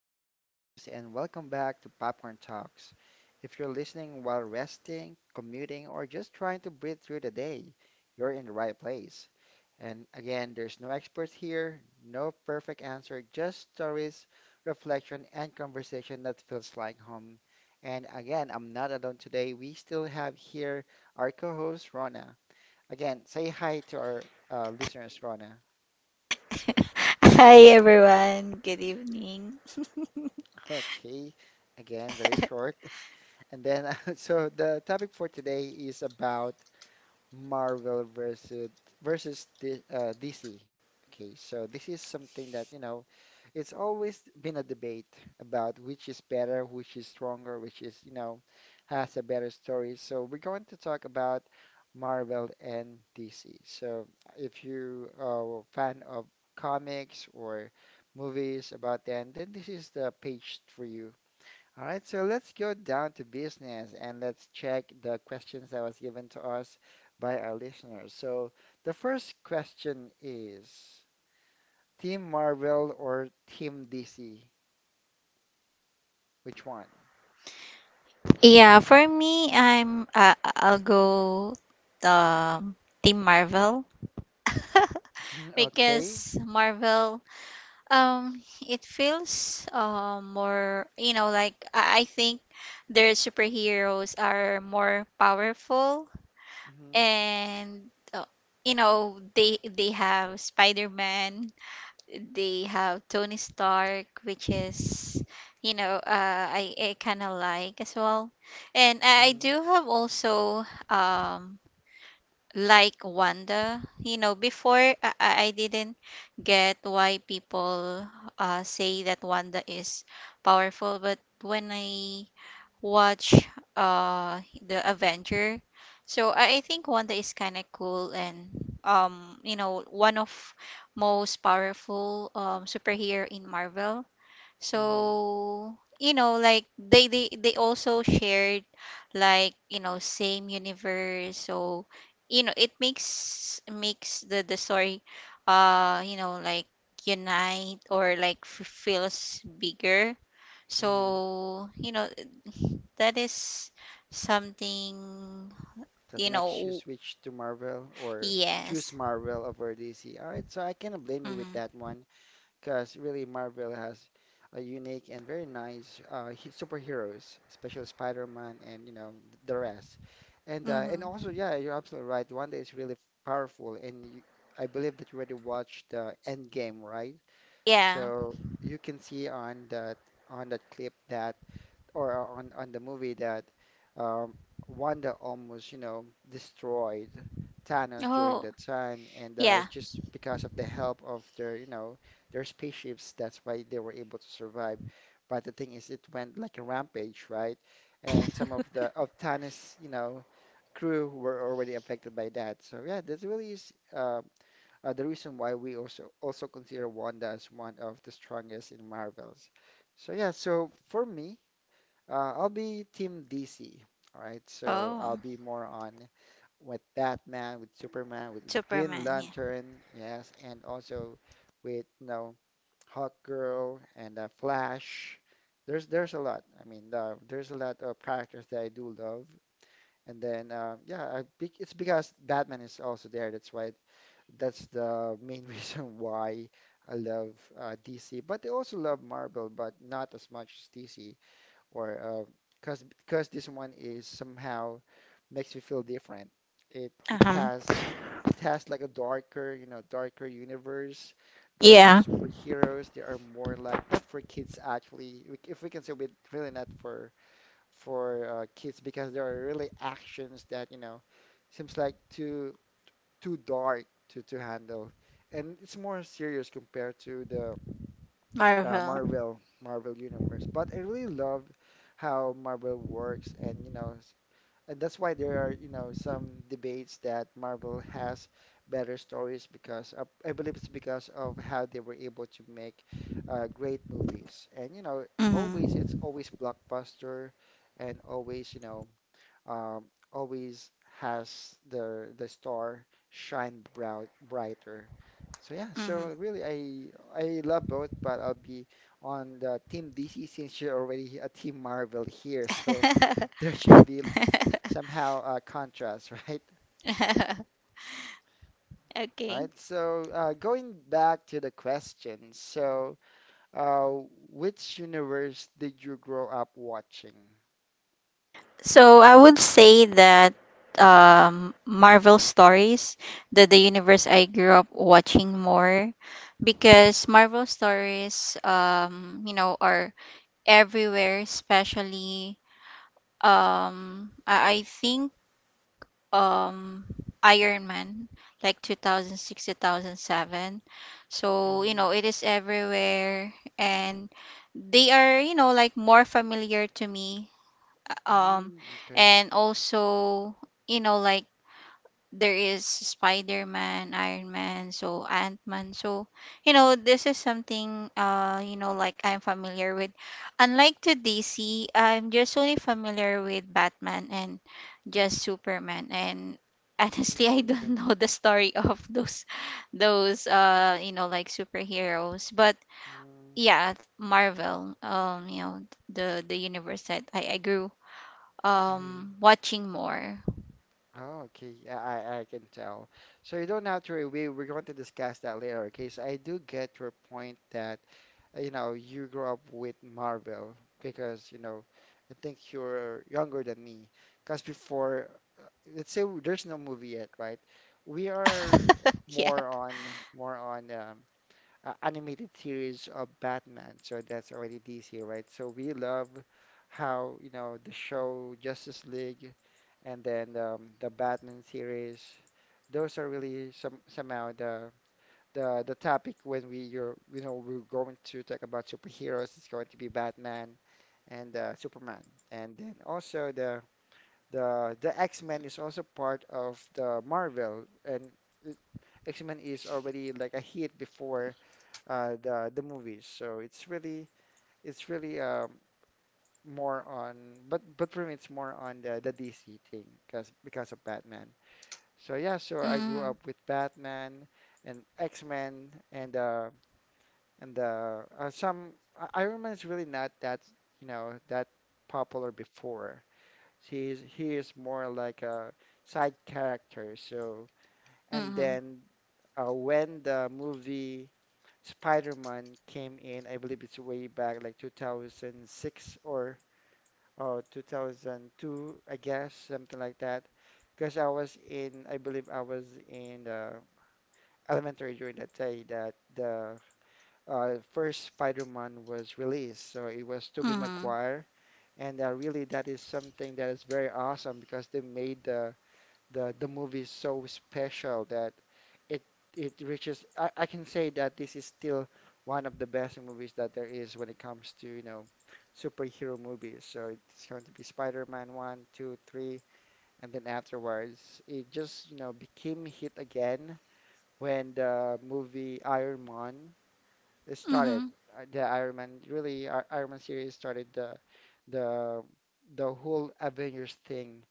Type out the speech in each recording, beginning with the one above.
again, your host, and welcome back to Popcorn Talks. If you're listening while resting, commuting, or just trying to breathe through the day, you're in the right place. And again, there's no experts here, no perfect answer, just stories, reflection, and conversation that feels like home. And again, I'm not alone today. We still have here our co-host Rona. Again, say hi to our listeners, Rona. Hi everyone. Good evening. Okay, again, very short. And then, so the topic for today is about Marvel versus DC. Okay, so this is something that, you know, it's always been a debate about which is better, which is stronger, which is, you know, has a better story. So we're going to talk about Marvel and DC. So if you are a fan of comics or movies about them, then this is the page for you. All right, so let's go down to business and let's check the questions that was given to us by our listeners. So the first question is: Team Marvel or Team DC? Which one? For me, I'll go um Team Marvel Mhm, okay. because Marvel um it feels more like I think their superheroes are more powerful hmm and you know they have Spider-Man, they have Tony Stark, which is, I kind of like as well. And I hmm do have also, like Wanda. You know, before I didn't get why people say that Wanda is powerful, but when I watch the Avenger. So I think Wanda is kind of cool and you know, one of most powerful superhero in Marvel. hmm So you know, like they also shared, like you know, same universe. So you know it makes the story, like unite or like feels bigger, hmm so, you know, that is something, That you makes you know, switch to Marvel or choose yes. Marvel over DC. All right, so I cannot blame you with Mm-hmm. that one, because really Marvel has a unique and very nice superheroes, especially Spider-Man and you know the rest. And Mm-hmm. also, yeah, you're absolutely right. Wanda is really powerful, and you, I believe that you already watched the Endgame, right? Yeah. So you can see on that clip that or on the movie that um, Wanda almost, you know, destroyed Thanos during Oh, that time, and yeah. it's just because of the help of their, you know, their spaceships. That's why they were able to survive. But the thing is, it went like a rampage, right? And some of the of Thanos, you know, crew were already affected by that. So yeah, that's really is the reason why we also consider Wanda as one of the strongest in Marvels. So yeah, so for me. I'll be Team DC. All right, so I'll Oh, be more on with Batman, with Superman, with Green Superman, yeah. Lantern, yes, and also with you know Hawkgirl and Flash. There's a lot. I mean, there's a lot of characters that I do love, and then yeah, it's because Batman is also there. That's why that's the main reason why I love DC. But I also love Marvel, but not as much as DC or cause because this one is somehow makes me feel different. It it Um, has it has like a darker, you know, darker universe, darker yeah, superheroes. They are more like not for kids actually. If we can say with really not for kids, because there are really actions that, you know, seems like too dark to handle. And it's more serious compared to the uh, Marvel. Marvel Marvel universe. But I really love how Marvel works, and you know, and that's why there are you know some debates that Marvel has better stories, because I believe it's because of how they were able to make great movies, and you know, always it's Mm-hmm. always blockbuster, and always you know um, always has the star shine bright, brighter. So yeah, so really I love both, but I'll be on the Team DC since you're already a Team Marvel here, so there should be Mm-hmm. somehow a contrast, right? All right, okay. so going back to the question, so uh, which universe did you grow up watching? So I would say that, Marvel stories, that the universe I grew up watching more, because Marvel stories, you know, are everywhere. Especially, I think, um, Iron Man, like 2006, 2007. So you Mm-hmm. know, it is everywhere, and they are, you know, like more familiar to me. um, Mm, okay. and also, you know, like there is Spider-Man, Iron Man, so Ant-Man. So, you know, this is something you know, like I'm familiar with. Unlike to DC, I'm just only familiar with Batman and just Superman. And honestly, I Mm, don't okay. know the story of those you know, like superheroes. But Mm, yeah, Marvel, you know, the universe that I grew mhm. Watching more. Oh, okay. Yeah, I can tell. So you don't have to worry. We, we're going to discuss that later, okay? So I do get your point that, you know, you grew up with Marvel because, you know, I think you're younger than me. Because before, uh, let's say there's no movie yet, right? We are yeah. more on, more on, animated series of Batman. So that's already DC, right? So we love how, you know, the show Justice League and then the Batman series, those are really some somehow the the topic when we you're you know we're going to talk about superheroes. It's going to be Batman and Superman, and then also the the X-Men is also part of the Marvel and. uh, X-Men is already like a hit before the movies. So it's really more on, but for me it's more on the DC thing because of Batman. So yeah, so I grew Mm, up with Batman and X-Men and some Iron Man's really not that you know that popular before. He is more like a side character. So and mm, then when the movie Spider-Man came in, I believe it's way back like 2006 or 2002, I guess, something like that. Because I was in, I believe I was in elementary during that day that the first Spider-Man was released. So it was Tobey mm, Maguire. And really, that is something that is very awesome because they made the movie is so special that it it reaches I can say that this is still one of the best movies that there is when it comes to, you know, superhero movies. So it's going to be Spider-Man 1, 2, 3, and then afterwards it just, you know, became hit again when the movie Iron Man mm, started. The Iron Man really Ar- Iron Man series started the the whole Avengers thing,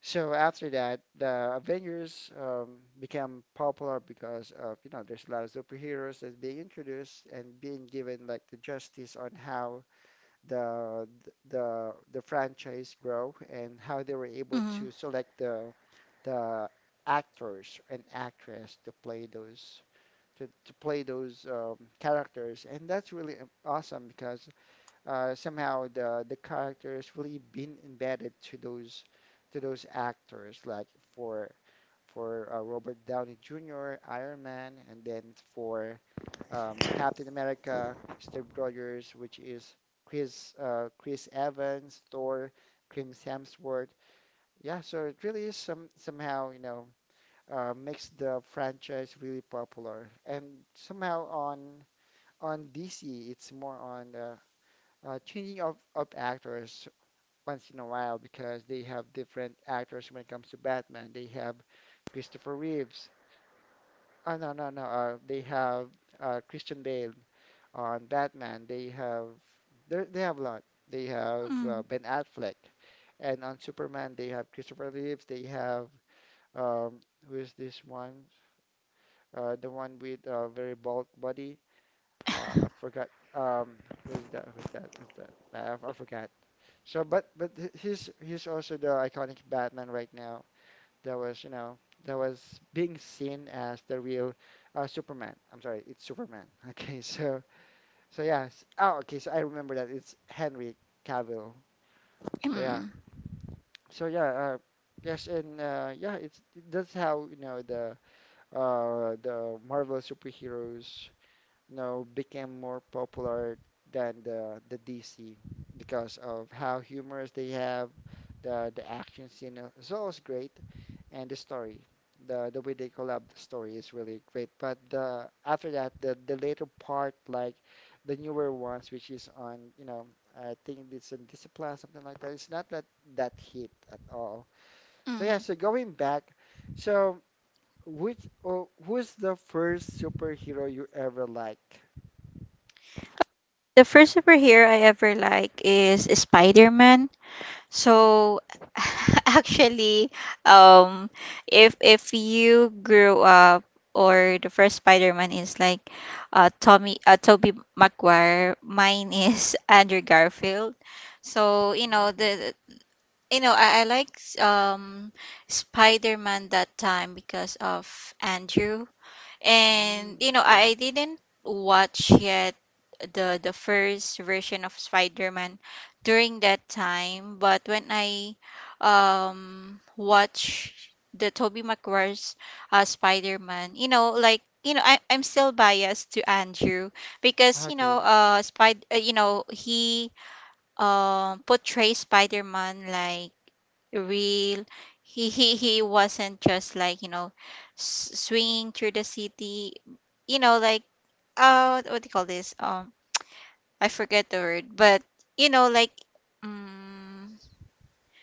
so after that, the Avengers became popular because of, you know, there's a lot of superheroes that's being introduced and being given like the justice on how the franchise grow and how they were able mm, to select the the actors and actress to play those characters. And that's really awesome, because somehow the characters really been embedded to those actors like for Robert Downey Jr., Iron Man, and then for Captain America, Steve Rogers, which is Chris Evans, Thor, Chris Hemsworth. Yeah, so it really is some somehow you know makes the franchise really popular, and somehow on DC it's more on changing of actors once in a while because they have different actors when it comes to Batman. They have Christopher Reeves. Oh, no, no, no. They have Christian Bale on Batman. They have they have a lot. They have mm, Ben Affleck, and on Superman they have Christopher Reeves. They have um, who is this one? The one with a very bald body. I forgot. Who is that? Who's that? Who's that? I forgot. So, but he's also the iconic Batman right now. That was, you know, that was being seen as the real Superman. I'm sorry, it's Superman. Okay, so Oh, okay. So I remember that it's Henry Cavill. So yeah. mm, So yeah. Yes, and yeah. It's that's how you know the Marvel superheroes you know, became more popular than the DC, because of how humorous they have, the action scene is always great, and the story, the way they collab the story is really great. But the after that, the later part, like the newer ones, which is on, you know, I think it's in Discipline, something like that. It's not that hit at all. So yeah, mm. so going back, so. Which or who's the first superhero you ever liked? The first superhero I ever like is Spider-Man. So actually, um, if you grew up or the first Spider-Man is like Tommy Tobey Maguire, mine is Andrew Garfield. So you know Mm, the, you know, I like um Spider-Man that time because of Andrew. And mm, you know, okay. I didn't watch yet the first version of Spider-Man during that time, but when I watch the Tobey Maguire's Spider-Man, you know, like, you know, I'm still biased to Andrew Ah, because you know, okay. You know, he portrays Spider-Man like real. He he wasn't just like, you know, swinging through the city. You know, like, what do you call this? I forget the word, but you know, like, um,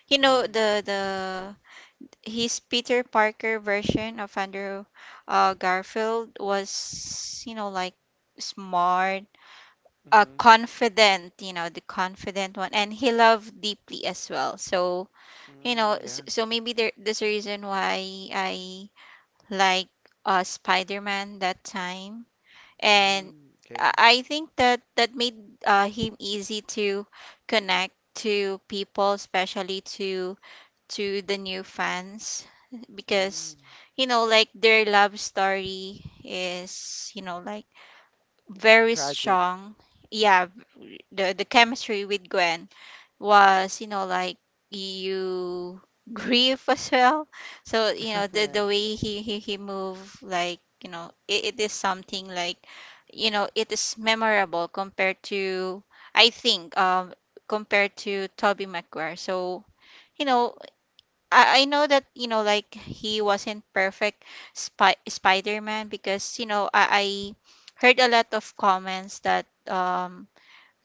you know, Mm, the his Peter Parker version of Andrew Garfield was, you know, like smart, mm, confident, you know, the confident one, and he loved deeply as well. So you know, mm, yeah. so maybe there there's a reason why I like spider-man that time, and i Mm, okay. I think that that made him easy to connect to people, especially to the new fans because Mm, you know, like their love story is, you know, like very tragic. strong. Yeah. The chemistry with Gwen was, you know, like you grieve as well. So you know, the way he moved, like, you know, it is something like, you know, it is memorable compared to, I think, compared to Toby Maguire. So you know, I know that you know, like he wasn't perfect Spider-Man because you know, I heard a lot of comments that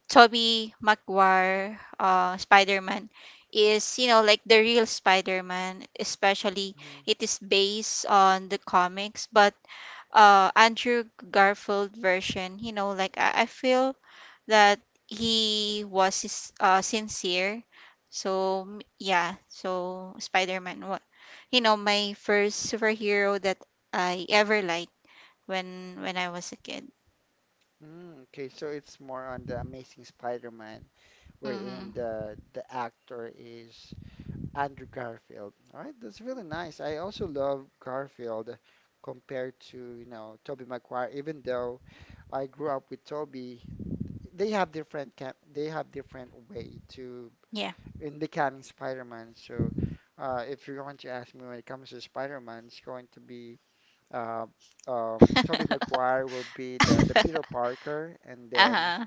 Toby Maguire, Spider-Man is, you know, like the real Spider-Man, especially Mm, it is based on the comics. But Andrew Garfield version, you know, like I feel that he was his, sincere. So yeah, so Spider-Man, what, you know, my first superhero that I ever liked when I was a kid. mm, okay, so it's more on the Amazing Spider-Man, Hmm wherein the actor is Andrew Garfield. All right, that's really nice. I also love Garfield compared to, you know, Tobey Maguire, even though I grew up with Tobey, they have different they have different way to Yeah. in becoming Spider-Man. So, if you're going to ask me when it comes to Spider-Man, it's going to be uh, Tobey Maguire will be the Peter Parker, and then uh-huh.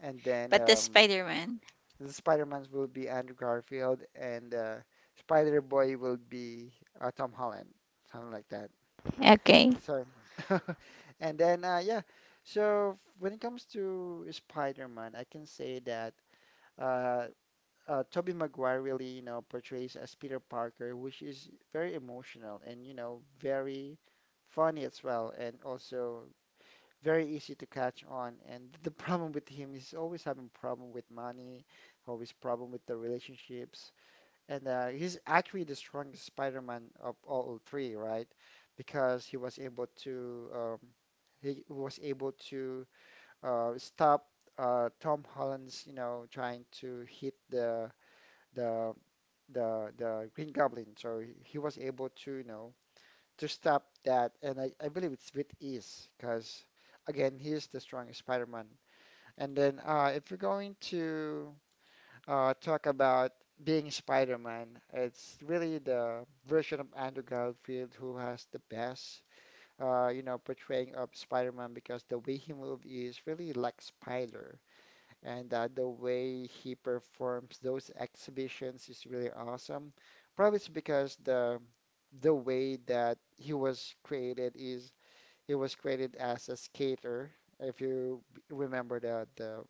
and then But the um, Spider Man. the Spider-Mans will be Andrew Garfield, and Spider-Boy will be Tom Holland, something like that. Okay. So, and then yeah. So when it comes to Spider-Man, I can say that. Uh, Tobey Maguire really, you know, portrays as Peter Parker, which is very emotional and, you know, very funny as well, and also very easy to catch on. And the problem with him is always having problem with money, always problem with the relationships, and he's actually the strongest Spider-Man of all three, right? Because he was able to stop Tom Holland's, you know, trying to hit the the the Green Goblin. So he was able to, you know, to stop that, and I believe it's with ease because again, he is the strongest Spider-Man. And then if you're going to talk about being Spider-Man, it's really the version of Andrew Garfield who has the best. Portraying of Spider-Man because the way he moved is really like Spider, and the way he performs those exhibitions is really awesome. Probably it's because the way that he was created as a skater. If you remember the the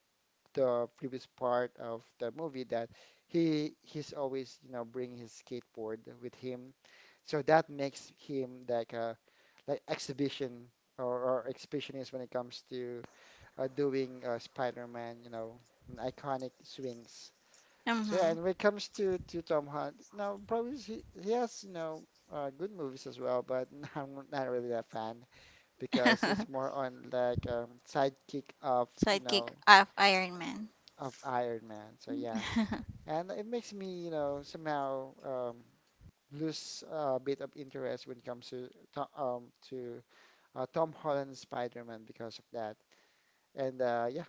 the previous part of the movie that he's always, you know, bringing his skateboard with him, so that makes him like a, like exhibition or exhibitionist when it comes to doing Spider-Man, you know, and iconic swings. So yeah, Mm-hmm. and when it comes to Tom Holland, no, probably he has, you know, good movies as well, but I'm not really a fan because it's more on like sidekick of, you Sidekick know, of Iron Man. of Iron Man. So yeah, and it makes me, you know, somehow lose a bit of interest when it comes to to Tom Holland Spider-Man because of that. And yeah.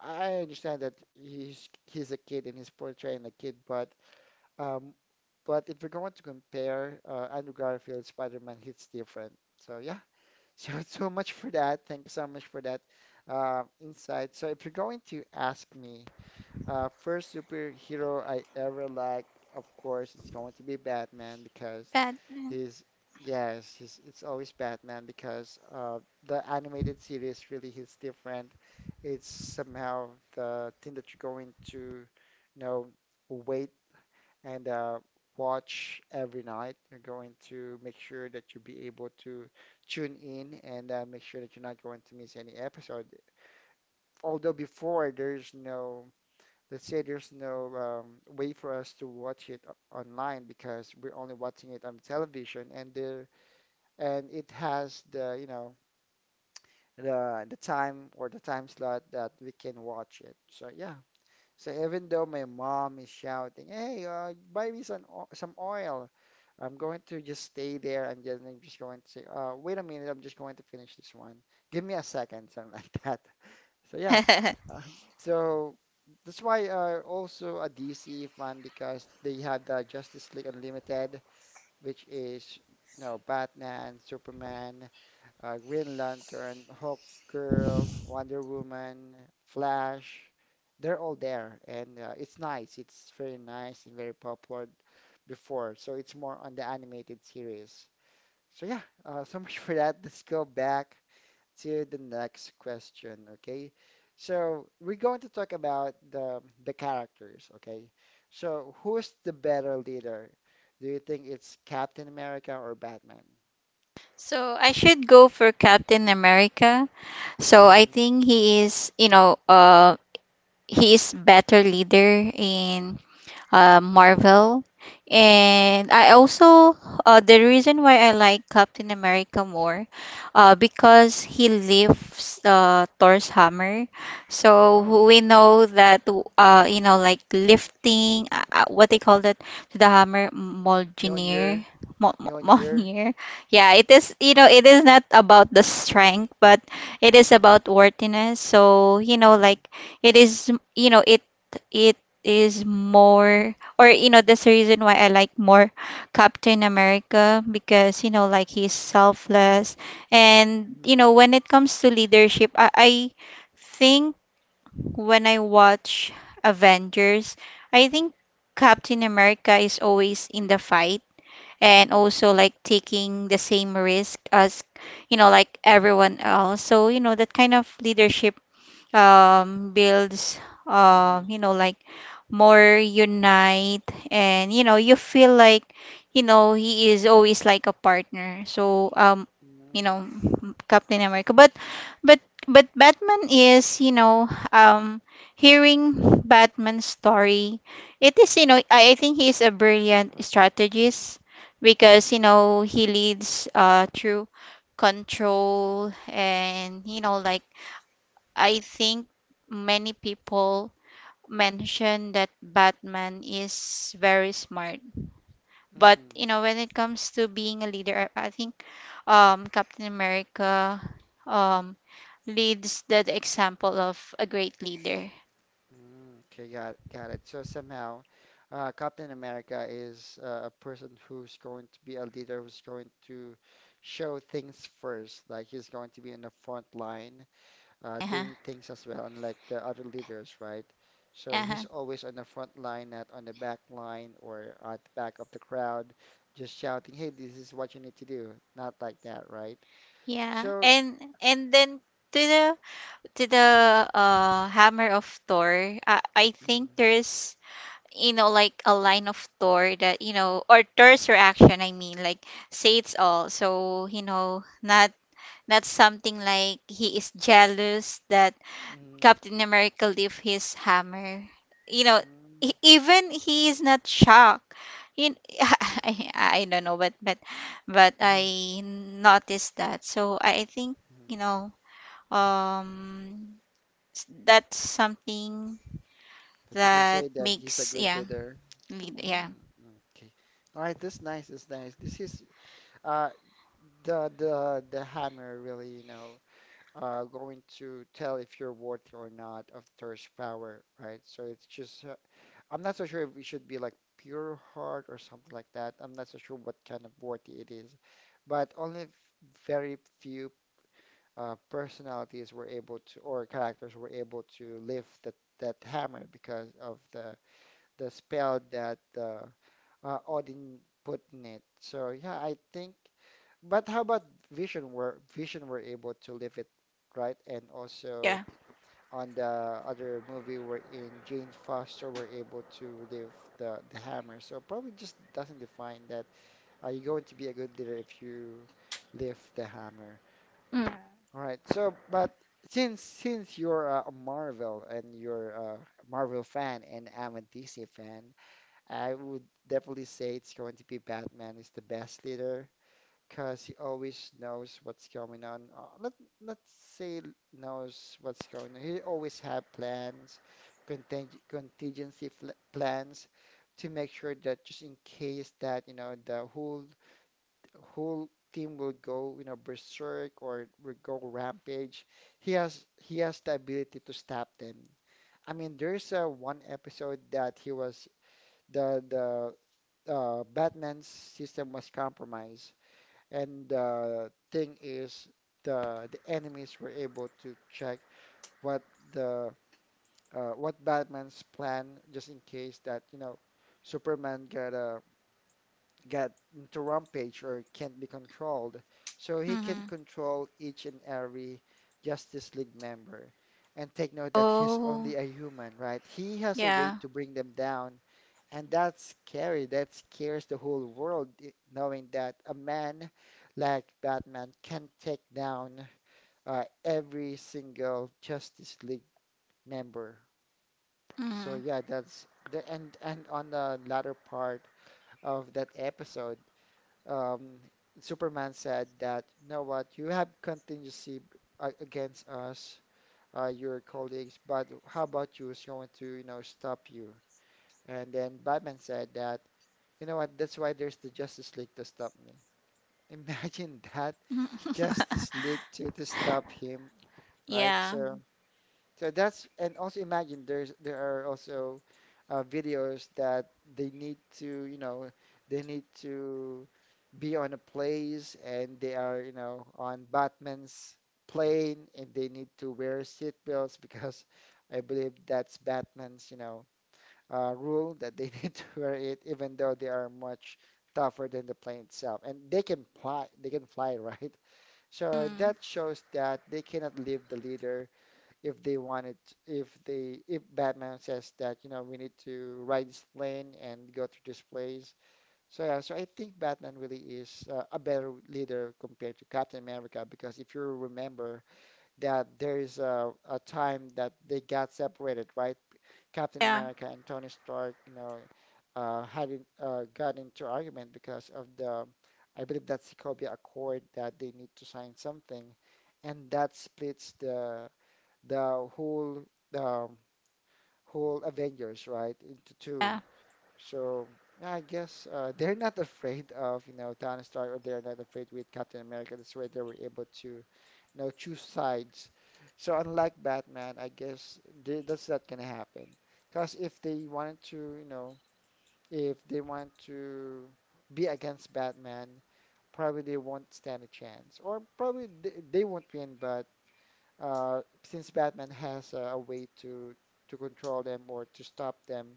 I understand that he's a kid and he's portraying a kid, um, but if we're going to compare Andrew Garfield Spider-Man, he's different. So yeah, so so much for that. Thank you so much for that insight. So if you're going to ask me, first superhero I ever liked, of course, it's going to be Batman because Batman. he's, yes, it's always Batman because the animated series really hits different. It's somehow the thing that you're going to, you know, wait and watch every night. You're going to make sure that you'll be able to tune in and make sure that you're not going to miss any episode. Although before there's no, let's say there's no way for us to watch it online, because we're only watching it on television. And there, and it has the, you know, the time or the time slot that we can watch it. So yeah, so even though my mom is shouting, "Hey, buy me some some oil," I'm going to just stay there, and then I'm just going to say, "Wait a minute, I'm just going to finish this one, give me a second," something like that. So yeah, uh, so that's why, also a DC fan, because they have the Justice League Unlimited, which is, you know, Batman, Superman, Green Lantern, Hawk Girl, Wonder Woman, Flash. They're all there, and it's nice. It's very nice and very popular before. So it's more on the animated series. So yeah, so much for that. Let's go back to the next question, okay? So we're going to talk about the characters, okay? So who's the better leader? Do you think it's Captain America or Batman? So I should go for Captain America. So I hmm think he is, you know, he is better leader in Marvel. hmm And I also, the reason why I like Captain America more, because he lifts Thor's hammer. So Oh, we know that, you know, like lifting, what they call that, the hammer, Mjolnir, Mjolnir. Mjolnir. Mjolnir. Yeah, it is, you know, it is not about the strength, but it is Mm-hmm, about worthiness. So, you know, like hmm it is, you know, it is more, or you know, that's the reason why I like more Captain America because you know, like he's selfless. And you hmm know, when it comes to leadership, I think when I watch Avengers, I think Captain America is always in the fight and hmm also like taking the same risk as, you know, like everyone else. So you know, that kind of leadership, builds, you know, like more unite, and you know, you feel like, you know, he is always like a partner. So, you hmm know, Captain America. But but but Batman is, you know, hearing Batman's story, it is, you know, I think he is a brilliant strategist because you hmm know, he leads through control. And you know, like I think many people mention that Batman is very smart. But, hmm you know, when it comes to being a leader, I think, Captain America, um, leads the example of a great leader. Mm, okay, got it. So somehow, Captain America is a person who's going to be a leader who's going to show things first. Like he's going to be in the front line, Uh-huh. doing things as well, unlike the other leaders, right? So Uh-huh. he's always on the front line, not on the back line or at the back of the crowd, just shouting, "Hey, this is what you need to do." Not like that, right? Yeah. So. And then to the to the hammer of Thor, I think Mm, there's, you know, like a line of Thor that, you know, or Thor's reaction, I mean, like say it's all. So, you know, not something like he is jealous that mm, Captain America leave his hammer. You know, mm, even he is not shocked. You, I don't know, but but mm, I noticed that. So I think, mm. you know, um, that's something That you can that say that he's a makes good yeah, leader. lead yeah. Mm, okay. All right, this nice, this nice. This is uh the hammer really, you know, going to tell if you're worthy or not of thirst power, right? So it's just I'm not so sure if it should be like pure heart or something like that. I'm not so sure what kind of worthy it is. But only very few personalities were able to, or characters were able to lift that hammer because of the spell that Odin put in it. So yeah, I think. But how about Vision? Were Vision were able to live it, right? And also yeah. on the other movie where in Jane Foster were able to live the hammer. So probably just doesn't define that are you going to be a good leader if you lift the hammer. Mm. All right. So, but since you're a Marvel, and you're a Marvel fan and I'm a DC fan, I would definitely say it's going to be Batman is the best leader, because he always knows what's going on. Let's say knows what's going on. He always have plans, contingency fl plans to make sure that, just in case that, you know, the whole, whole team will go, you know, berserk or will go rampage, he has the ability to stop them. I mean, there's a one episode that he was the Batman's system was compromised, and the thing is, the enemies were able to check what the what Batman's plan, just in case that, you know, Superman got into rampage or can't be controlled, so he can Mhm. control each and every Justice League member. And take note that he's Oh, only a human, right? He has a way yeah. to bring them down, and that's scary. That scares the whole world, knowing that a man like Batman can take down every single Justice League member. So Mhm. yeah, that's the and on the latter part of that episode, um, Superman said that, you know what, you have contingency against us, your colleagues, but how about you is going to, you know, stop you? And then Batman said that. You know what? That's why there's the Justice League to stop me. Imagine that Justice League to stop him, right? Yeah. So so that's, and also imagine there's, there are also videos that they need to, you know, they need to be on a place, and they are, you know, on Batman's plane and they need to wear seatbelts because I believe that's Batman's, you know, rule that they need to wear it, even though they are much tougher than the plane itself. And they can fly, right? So Mm. that shows that they cannot leave the leader if they wanted, if they, if Batman says that, you know, we need to ride this plane and go through this place. So yeah, so I think Batman really is a better leader compared to Captain America, because if you remember that there is a time that they got separated, right? Captain Yeah. America and Tony Stark, you know, got into argument because of the, I believe that's Sokovia Accord that they need to sign something, and that splits the whole um, whole Avengers, right, into two. Yeah. So I guess they're not afraid of, you know, Tony Stark, or they're not afraid with Captain America. That's why they were able to, you know, choose sides. So unlike Batman, I guess they, that's not gonna happen. Because if they wanted to, you know, if they want to be against Batman, probably they won't stand a chance, or probably they won't win, but since Batman has a way to control them or to stop them,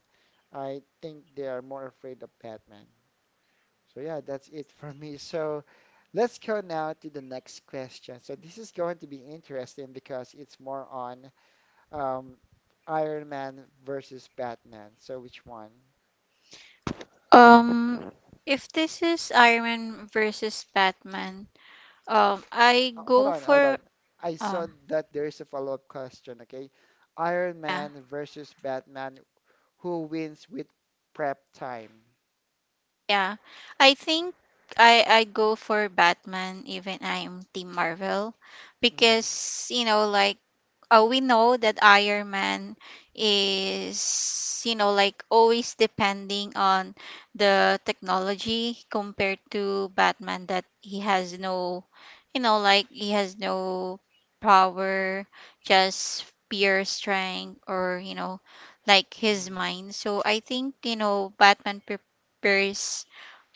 I think they are more afraid of Batman. So yeah, that's it for me. So let's go now to the next question. So this is going to be interesting because it's more on um, Iron Man versus Batman. So which one? Um, if this is Iron Man versus Batman, I Oh, hold go on, hold on. for I saw um, that there is a follow-up question, okay? Iron yeah. Man versus Batman, who wins with prep time? Yeah. I think I go for Batman even I'm Team Marvel Mm. because you know, like we know that Iron Man is, you know, like always depending on the technology compared to Batman that he has no, you know, like he has no power, just pure strength or you know, like his Mm, mind. So I think, you know, Batman prepares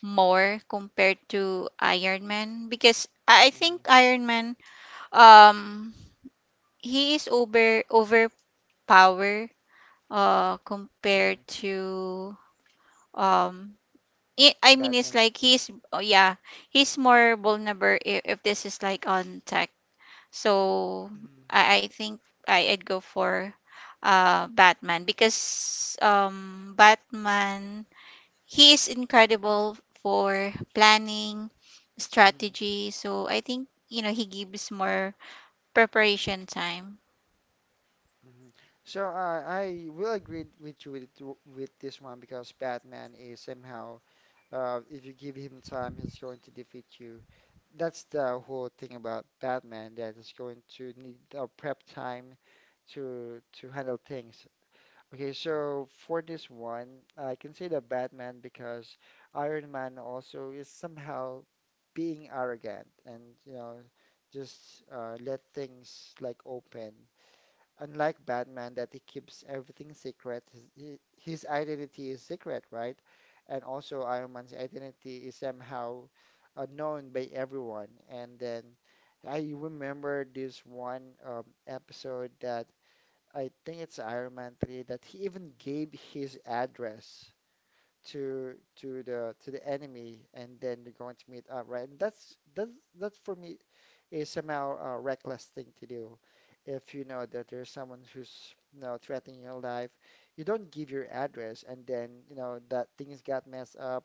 more compared to Iron Man because I mm, think Iron Man, um he is overpower, compared mm. to, um I mean, it's Batman. like he's oh yeah, he's more vulnerable if this is like on tech. So Mm, I think I'd go for Batman because Batman, he is incredible for planning mm, strategy. So I think you know, he gives more preparation time. mm. So I will agree with you with, with this one, because Batman is somehow, if you give him time, he's going to defeat you. That's the whole thing about Batman, that is going to need a prep time to handle things. Okay, so for this one, I can say the Batman because Iron Man also is somehow being arrogant and, you know, just let things like open. Unlike Batman, that he keeps everything secret, his identity is secret, right? And also Iron Man's identity is somehow known by everyone. And then I remember this one episode that I think it's Iron Man 3 that he even gave his address to the enemy, and then they're going to meet up, right? And that for me is somehow a reckless thing to do. If you know that there's someone who's, you know, threatening your life, you don't give your address, and then you know that things got messed up,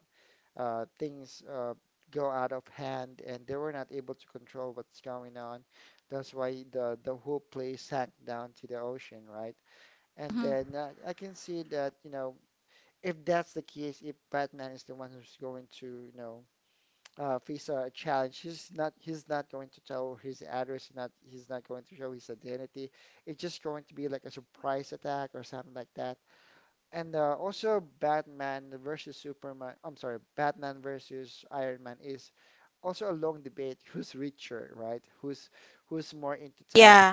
things go out of hand and they were not able to control what's going on. That's why the whole place sank down to the ocean, right? And Mhm. then I can see that, you know, if that's the case, if Batman is the one who's going to, you know, face a challenge, he's not going to tell his address, not he's not going to show his identity. It's just going to be like a surprise attack or something like that. And also Batman versus Superman, I'm sorry, Batman versus Iron Man is also a long debate who's richer, right? Who's more into Yeah, tech.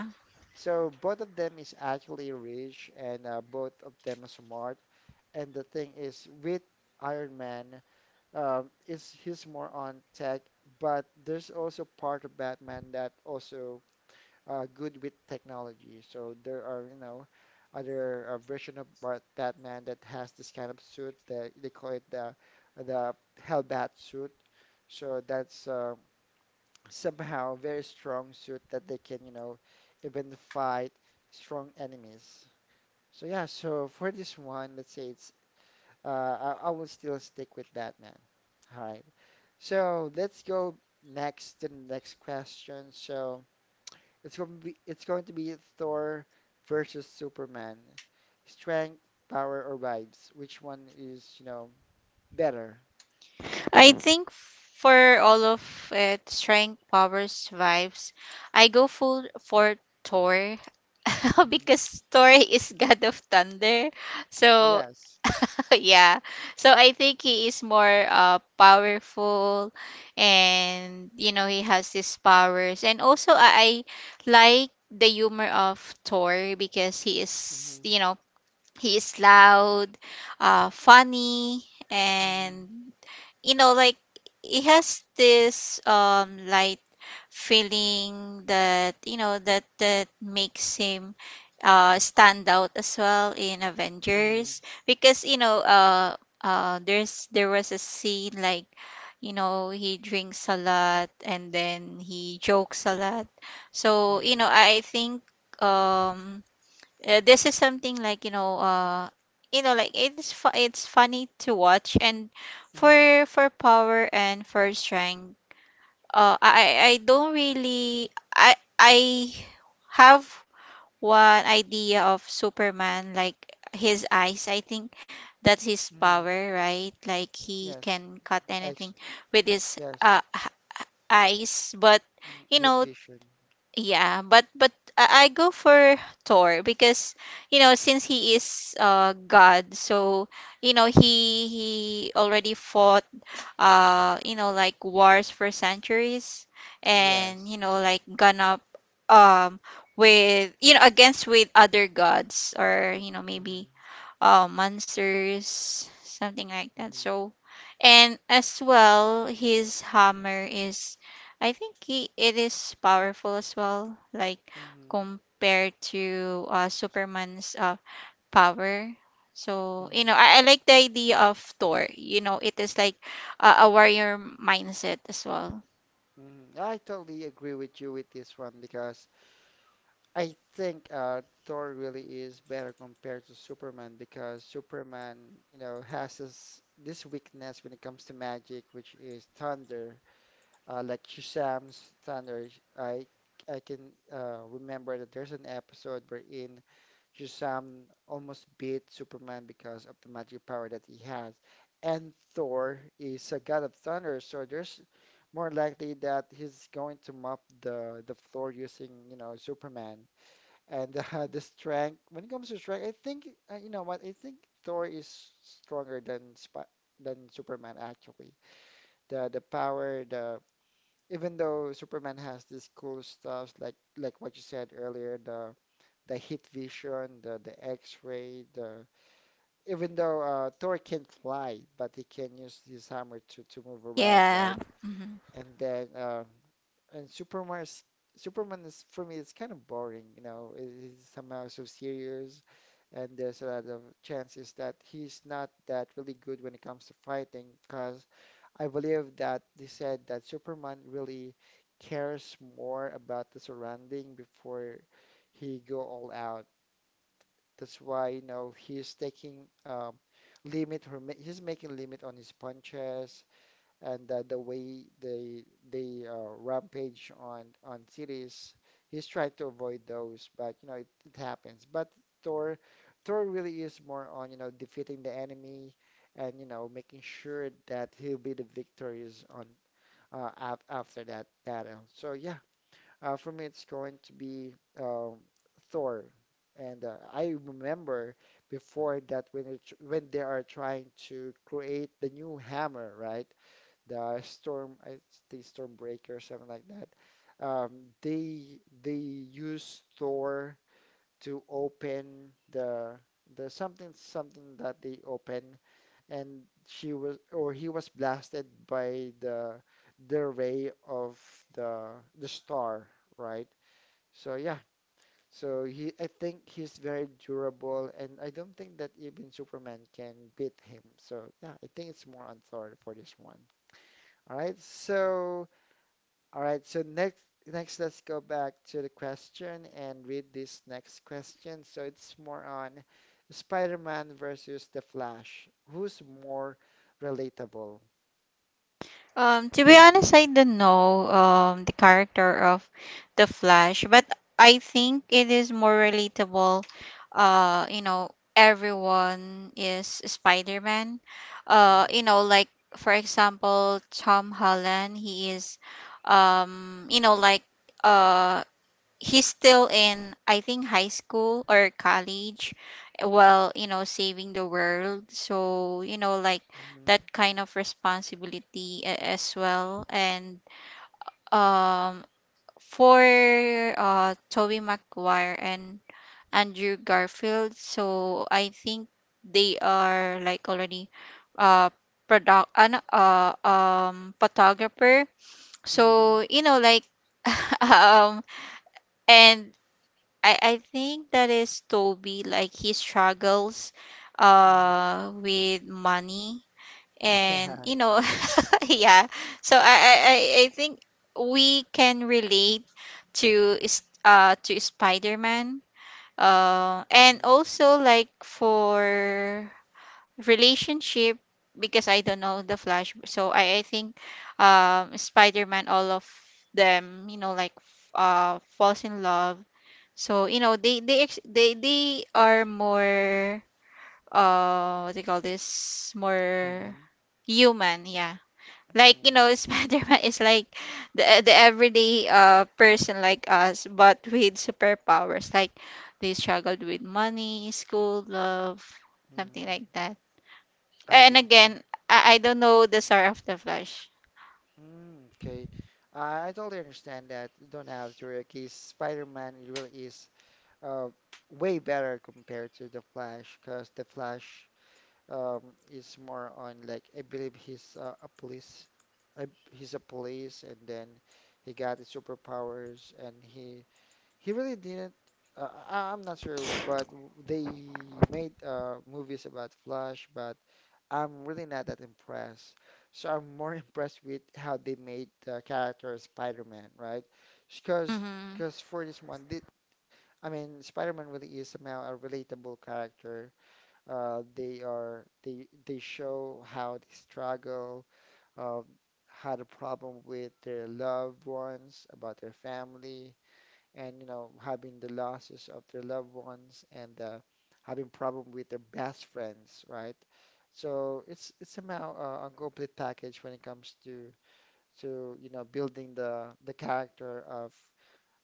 So both of them is actually rich, and both of them are smart. And the thing is, with Iron Man, is he's more on tech, but there's also part of Batman that also good with technology. So there are, you know, other version of Batman that has this kind of suit that they call it the Hellbat suit. So that's somehow very strong suit that they can, you know, even fight strong enemies. So yeah, so for this one, let's say it's I will still stick with that, man. All right. So let's go next to the next question. So it's going to be Thor versus Superman. Strength, power, or vibes? Which one is, you know, better? I think for all of it, strength, powers, vibes, I go full for Thor Hmm because Thor is god of thunder. So Yes. yeah. So I think he is more powerful and you know, he has his powers. And also I like the humor of Thor because he is, hmm you know, he is loud, funny, hmm and you know, like it has this light feeling that, you know, that that makes him stand out as well in hmm Avengers because you know, there's there was a scene, like, you know, he drinks a lot and then he jokes a lot. So you hmm know, I think, um this is something like, you know, you know, like it's funny to watch. And hmm for power and for strength, I don't really I have one idea of Superman, like his eyes. I think that's his hmm power, right? Like he Yes. can cut anything Ex with his yes. Eyes. But Mm, you hit know, vision. yeah, but I go for Thor because you know, since he is God, so you know, he already fought you know, like wars for centuries. And Yes. you know, like gone up, um with you know, against with other gods, or you know, hmm maybe monsters, something like that. hmm So, and as well, his hammer is, I think he it is powerful as well, like hmm compared to Superman's power. So, you know, hmm I like the idea of Thor. You know, it is like a warrior mindset as well. Mhm. I totally agree with you with this one because I think Thor really is better compared to Superman, because Superman, you know, has this weakness when it comes to magic, which is thunder. Like Shazam's thunder, I I can remember that there's an episode wherein just almost beat Superman because of the magic power that he has. And Thor is a god of thunder, so there's more likely that he's going to mop the floor using, you know, Superman. And the strength, when it comes to strength, I think you know what? I think Thor is stronger than Sp than Superman, actually. The power, the even though Superman has these cool stuffs like what you said earlier, the heat vision, the X-ray, the even though Thor can not fly, but he can use his hammer to move around, Yeah. right? Mhm. And then and Superman is for me it's kind of boring, you know. It is somehow so serious, and there's a lot of chances that he's not that really good when it comes to fighting, because I believe that they said that Superman really cares more about the surrounding before he go all out. That's why, you know, he's taking limit or ma he's making limit on his punches, and the way they rampage on cities. He's trying to avoid those, but you know, it happens. But Thor, Thor really is more on, you know, defeating the enemy and, you know, making sure that he'll be the victorious on af after that battle. So yeah. For me, it's going to be um, Thor. And I remember before that when when they are trying to create the new hammer, right? The storm, I think Stormbreaker or something like that. Um, they use Thor to open the something something that they open, and she was or he was blasted by the ray of the the star, right? So yeah, so he I think he's very durable, and I don't think that even Superman can beat him. So yeah, I think it's more on Thor for this one. All right. So all right, so next let's go back to the question and read this next question. So it's more on Spider-Man versus the Flash. Who's more relatable? To be honest, I don't know the character of the Flash, but I think it is more relatable. You know, everyone is Spider-Man. Uh, you Hmm know, like for example, Tom Holland, he is, you know, like uh he's still in, I think, high school or college while saving the world, so like hmm that kind of responsibility as well. And um for Toby Maguire and Andrew Garfield, so I think they are like already uh product an photographer, mm so like um and I think that is Toby. Like he struggles hmm with money. And Yeah. Yeah. So I think we can relate to Spider-Man. And Mhm. also like for relationship, because I don't know the Flash. So I think Spider-Man, all of them, like, falls in love. So, they ex- they are more, what do you call this? More Human. human, yeah. Like, Mm, Spider-Man is like the everyday person like us, but with superpowers. Like, they struggled with money, school, love, something mm, like that. I And can tell. again, I don't know the Star of the Flash. Mm, okay. I totally understand that. You don't have to, because Spider-Man it really is uh, way better compared to the Flash, because the Flash um, is more on like I believe he's a police he's a police, and then he got his superpowers and he really didn't I'm not sure but they made movies about Flash, but I'm really not that impressed. So I'm more impressed with how they made the character of Spider-Man, right? Because Mm-hmm. because for this one, they, I mean, Spider-Man really is somehow a relatable character. They are they show how they struggle, uh, had a problem with their loved ones, about their family, and you know having the losses of their loved ones and having problem with their best friends, right? So it's somehow a complete package when it comes to you know building the character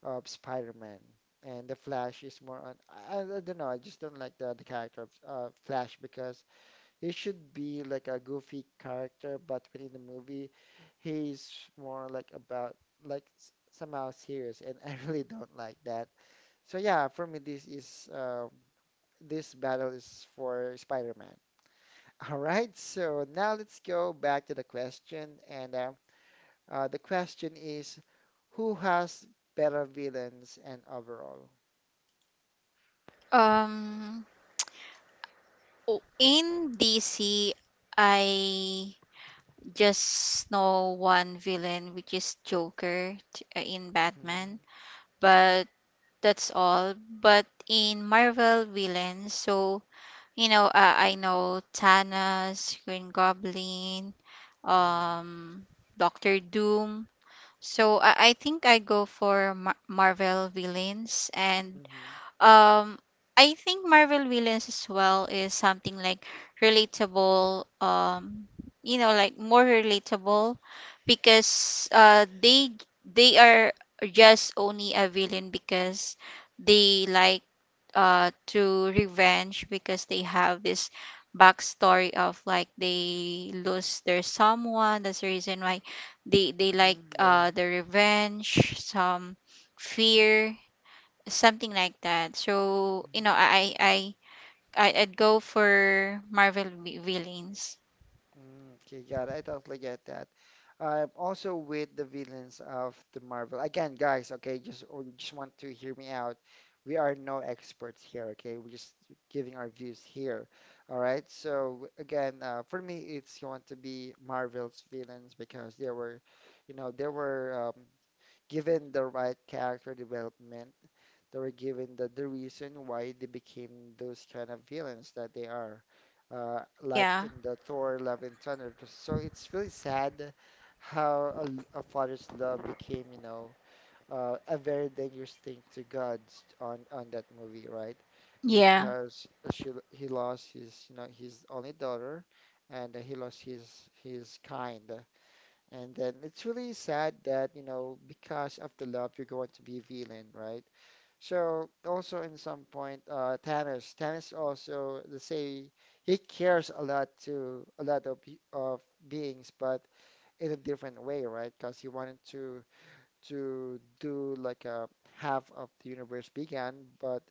of Spider-Man. And the Flash is more on I don't know, I just don't like the character of Flash, because he should be like a goofy character, but within the movie, he's more like about like somehow serious, and I really don't like that. So yeah, for me this is this battle is for Spider-Man. All right, so now let's go back to the question, and the question is, who has better villains and overall? Um, in DC, I just know one villain, which is Joker, in Mm-hmm. Batman. But that's all. But in Marvel villains, so I know Thanos, Green Goblin, um, Doctor Doom. So I think I go for Marvel villains. And Mm-hmm. um, I think Marvel villains as well is something like relatable, like more relatable, because they are just only a villain because they like to revenge, because they have this backstory of like they lose their someone. That's the reason why they like Mm-hmm. The revenge, some fear, something like that. So, Yeah. I'd go for Marvel villains. Mm, okay, got it. I totally get that. I'm also with the villains of the Marvel. Again, guys, okay, just oh, you just want to hear me out. We are no experts here, okay? We're just giving our views here. All right. So again, for me, it's going to be Marvel's villains, because they were, you know, they were given the right character development, they were given the reason why they became those kind of villains that they are, Yeah, like in the Thor Love and Thunder. So it's really sad how a father's love became, you know, a very dangerous thing to God on that movie, right? yeah, Because she he lost his, you know, his only daughter, and he lost his kind. And then it's really sad that, you know, because of the love, you're going to be a villain, right? So also in some point, Thanos, Thanos also they say he cares a lot to a lot of of beings, but in a different way, right? Because he wanted to do like a half of the universe began, but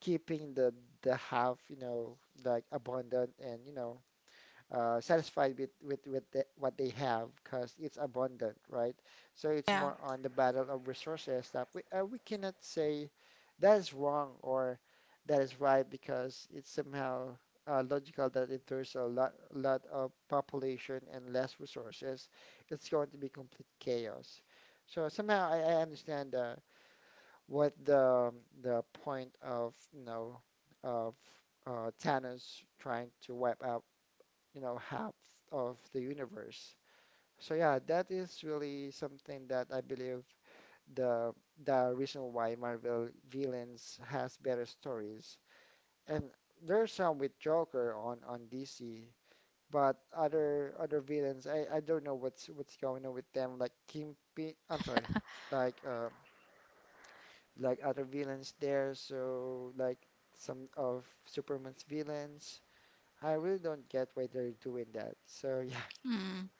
keeping the half, you know, like abundant and you know satisfied with with the, what they have because it's abundant, right? So it's yeah. more on the battle of resources that we cannot say that is wrong or that is right, because it's somehow logical that if there's a lot of population and less resources, it's going to be complete chaos. So somehow I understand what the point of you know of Thanos trying to wipe out you know, half of the universe. So yeah, that is really something that I believe the the reason why Marvel villains has better stories. And there's some with Joker on DC, but other villains, I don't know what's going on with them. Like Kingpin, I'm sorry, like uh, like other villains there. So like some of Superman's villains. I really don't get why they're doing that. So yeah, Mm,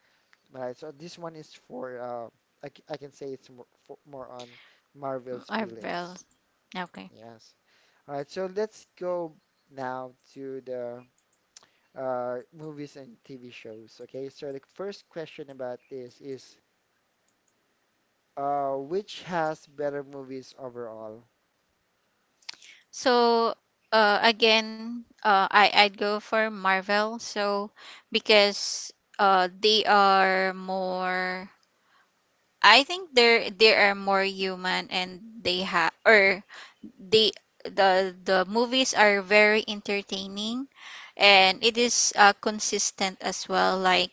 right, so this one is for I can say it's more for, more on Marvel's Marvel. villains. Okay. Yes. All right, so let's go now to the movies and TV shows. Okay, so the first question about this is which has better movies overall? So, again, I'd go for Marvel. So, because they are more. I think they are more human. And they the movies are very entertaining, Mm-hmm. and it is consistent as well, like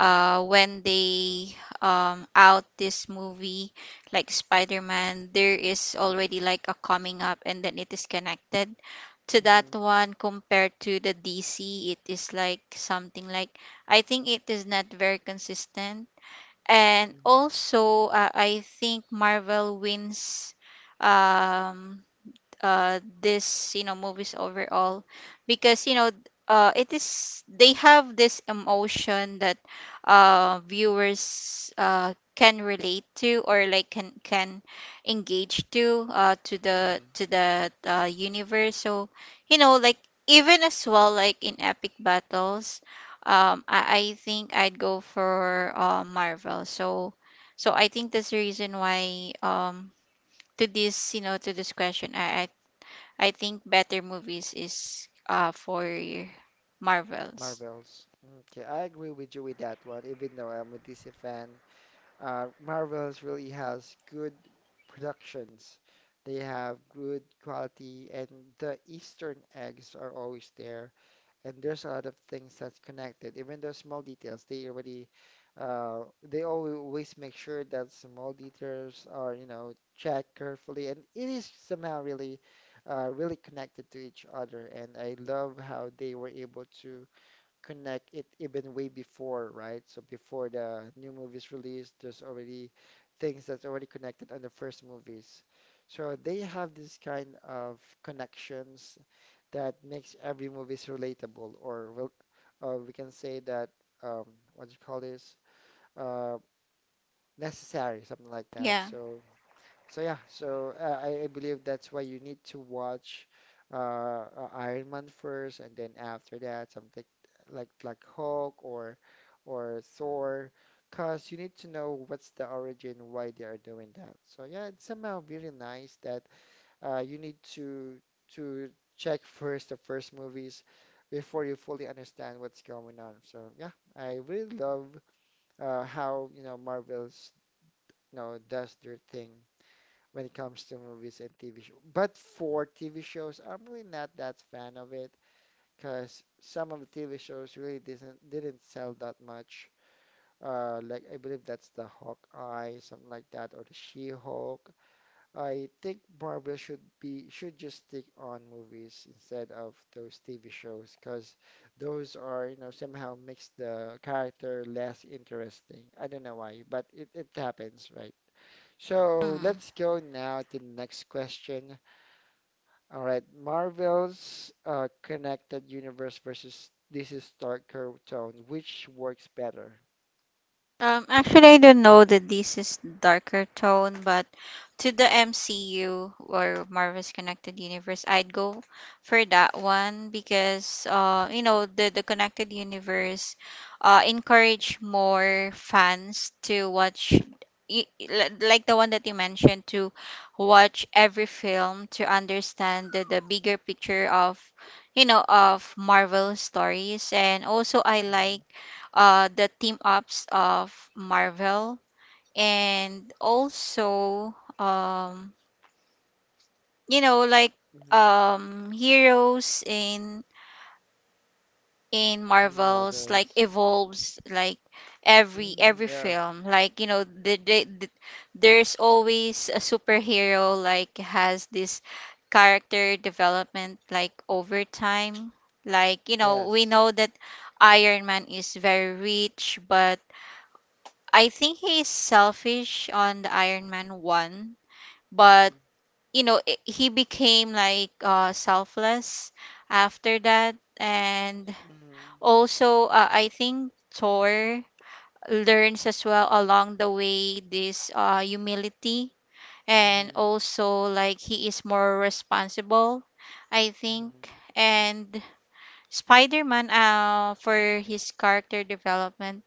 when they out this movie, like spider-man, there is already like a coming up, and then it is connected to that Mm-hmm. one, compared to the dc. It is like something like, I think, it is not very consistent. And Mm-hmm. also, I think marvel wins um this, movies overall, because you know it is they have this emotion that viewers can relate to, or like can engage to uh to the Mm-hmm. to the uh, universe. So, like even, as well, like in epic battles, I think I'd go for Marvel. So, so I think that's the reason why, to this, to this question, I think better movies is for Marvels. Marvels. Mm, okay, I agree with you with that one, even though I'm a DC fan. Marvel's really has good productions. They have good quality, and the Eastern eggs are always there. And there's a lot of things that's connected, even though small details. They already, they always make sure that small details are, you know, checked carefully, and it is somehow really, really connected to each other. And I love how they were able to connect it even way before, right? So before the new movie's released, there's already things that's already connected on the first movies. So they have this kind of connections that makes every movies relatable, or we can say that um, what do you call this? Uh, necessary, something like that. Yeah. So so yeah, so I believe that's why you need to watch Iron Man first, and then after that, something like Black Hulk or Thor, because you need to know what's the origin, why they are doing that. So yeah, it's somehow really nice that you need to check first the first movies before you fully understand what's going on. So yeah, I really love how you know Marvel's you know does their thing when it comes to movies and TV shows. But for TV shows, I'm really not that fan of it, because some of the TV shows really didn't sell that much. Like I believe that's the Hawkeye, something like that, or the She-Hulk. I think Marvel should be should just stick on movies instead of those TV shows, because those are, you know, somehow makes the character less interesting. I don't know why, but it happens, right? So Mhm. let's go now to the next question. All right, Marvel's Connected Universe versus this is Darker Tone, which works better? Actually, I don't know that this is darker tone, but to the MCU or Marvel's Connected Universe, I'd go for that one, because the Connected Universe encourage more fans to watch, like the one that you mentioned, to watch every film to understand the bigger picture of, of marvel stories. And also, I Hmm like the team ups of Marvel. And also, like, hmm heroes in Marvels like Marvel's. evolves, like every Mm, yeah, film. Like, there's always a superhero like has this character development like over time. Like, we yes. know that Iron Man is very rich, but I think he's selfish on the Iron Man 1. But Mm, you know, I he became like selfless after that. And mm, also, I think Thor learns as well along the way this humility. And mm, also like he is more responsible, I think. mm, And Spider-Man, for his character development,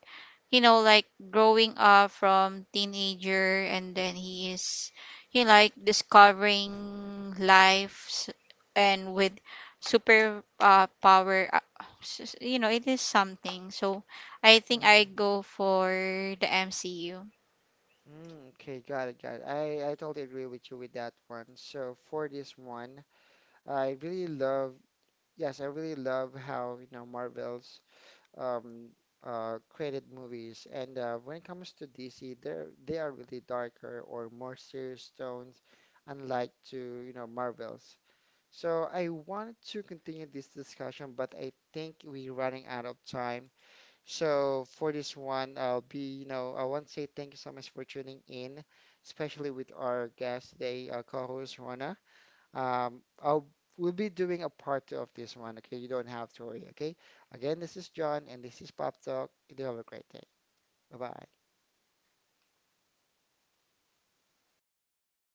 like growing up from teenager, and then he is, like, discovering life and with super power, it is something. So I think I mm, go for the MCU. mm. Okay, got it, got it. I totally agree with you with that one. So for this one, I really love, yes, I really love how, you know, Marvel's um, created movies. And when it comes to DC, they're they are really darker or more serious tones, unlike to you know Marvels. So I wanted to continue this discussion, but I think we're running out of time. So for this one, I'll be you know I want to say thank you so much for tuning in, especially with our guest today, co-host Rona. I'll we'll be doing a part two of this one. Okay, you don't have to worry. Okay. Again, this is John, and this is Pop Talk. You do have a great day. Bye bye.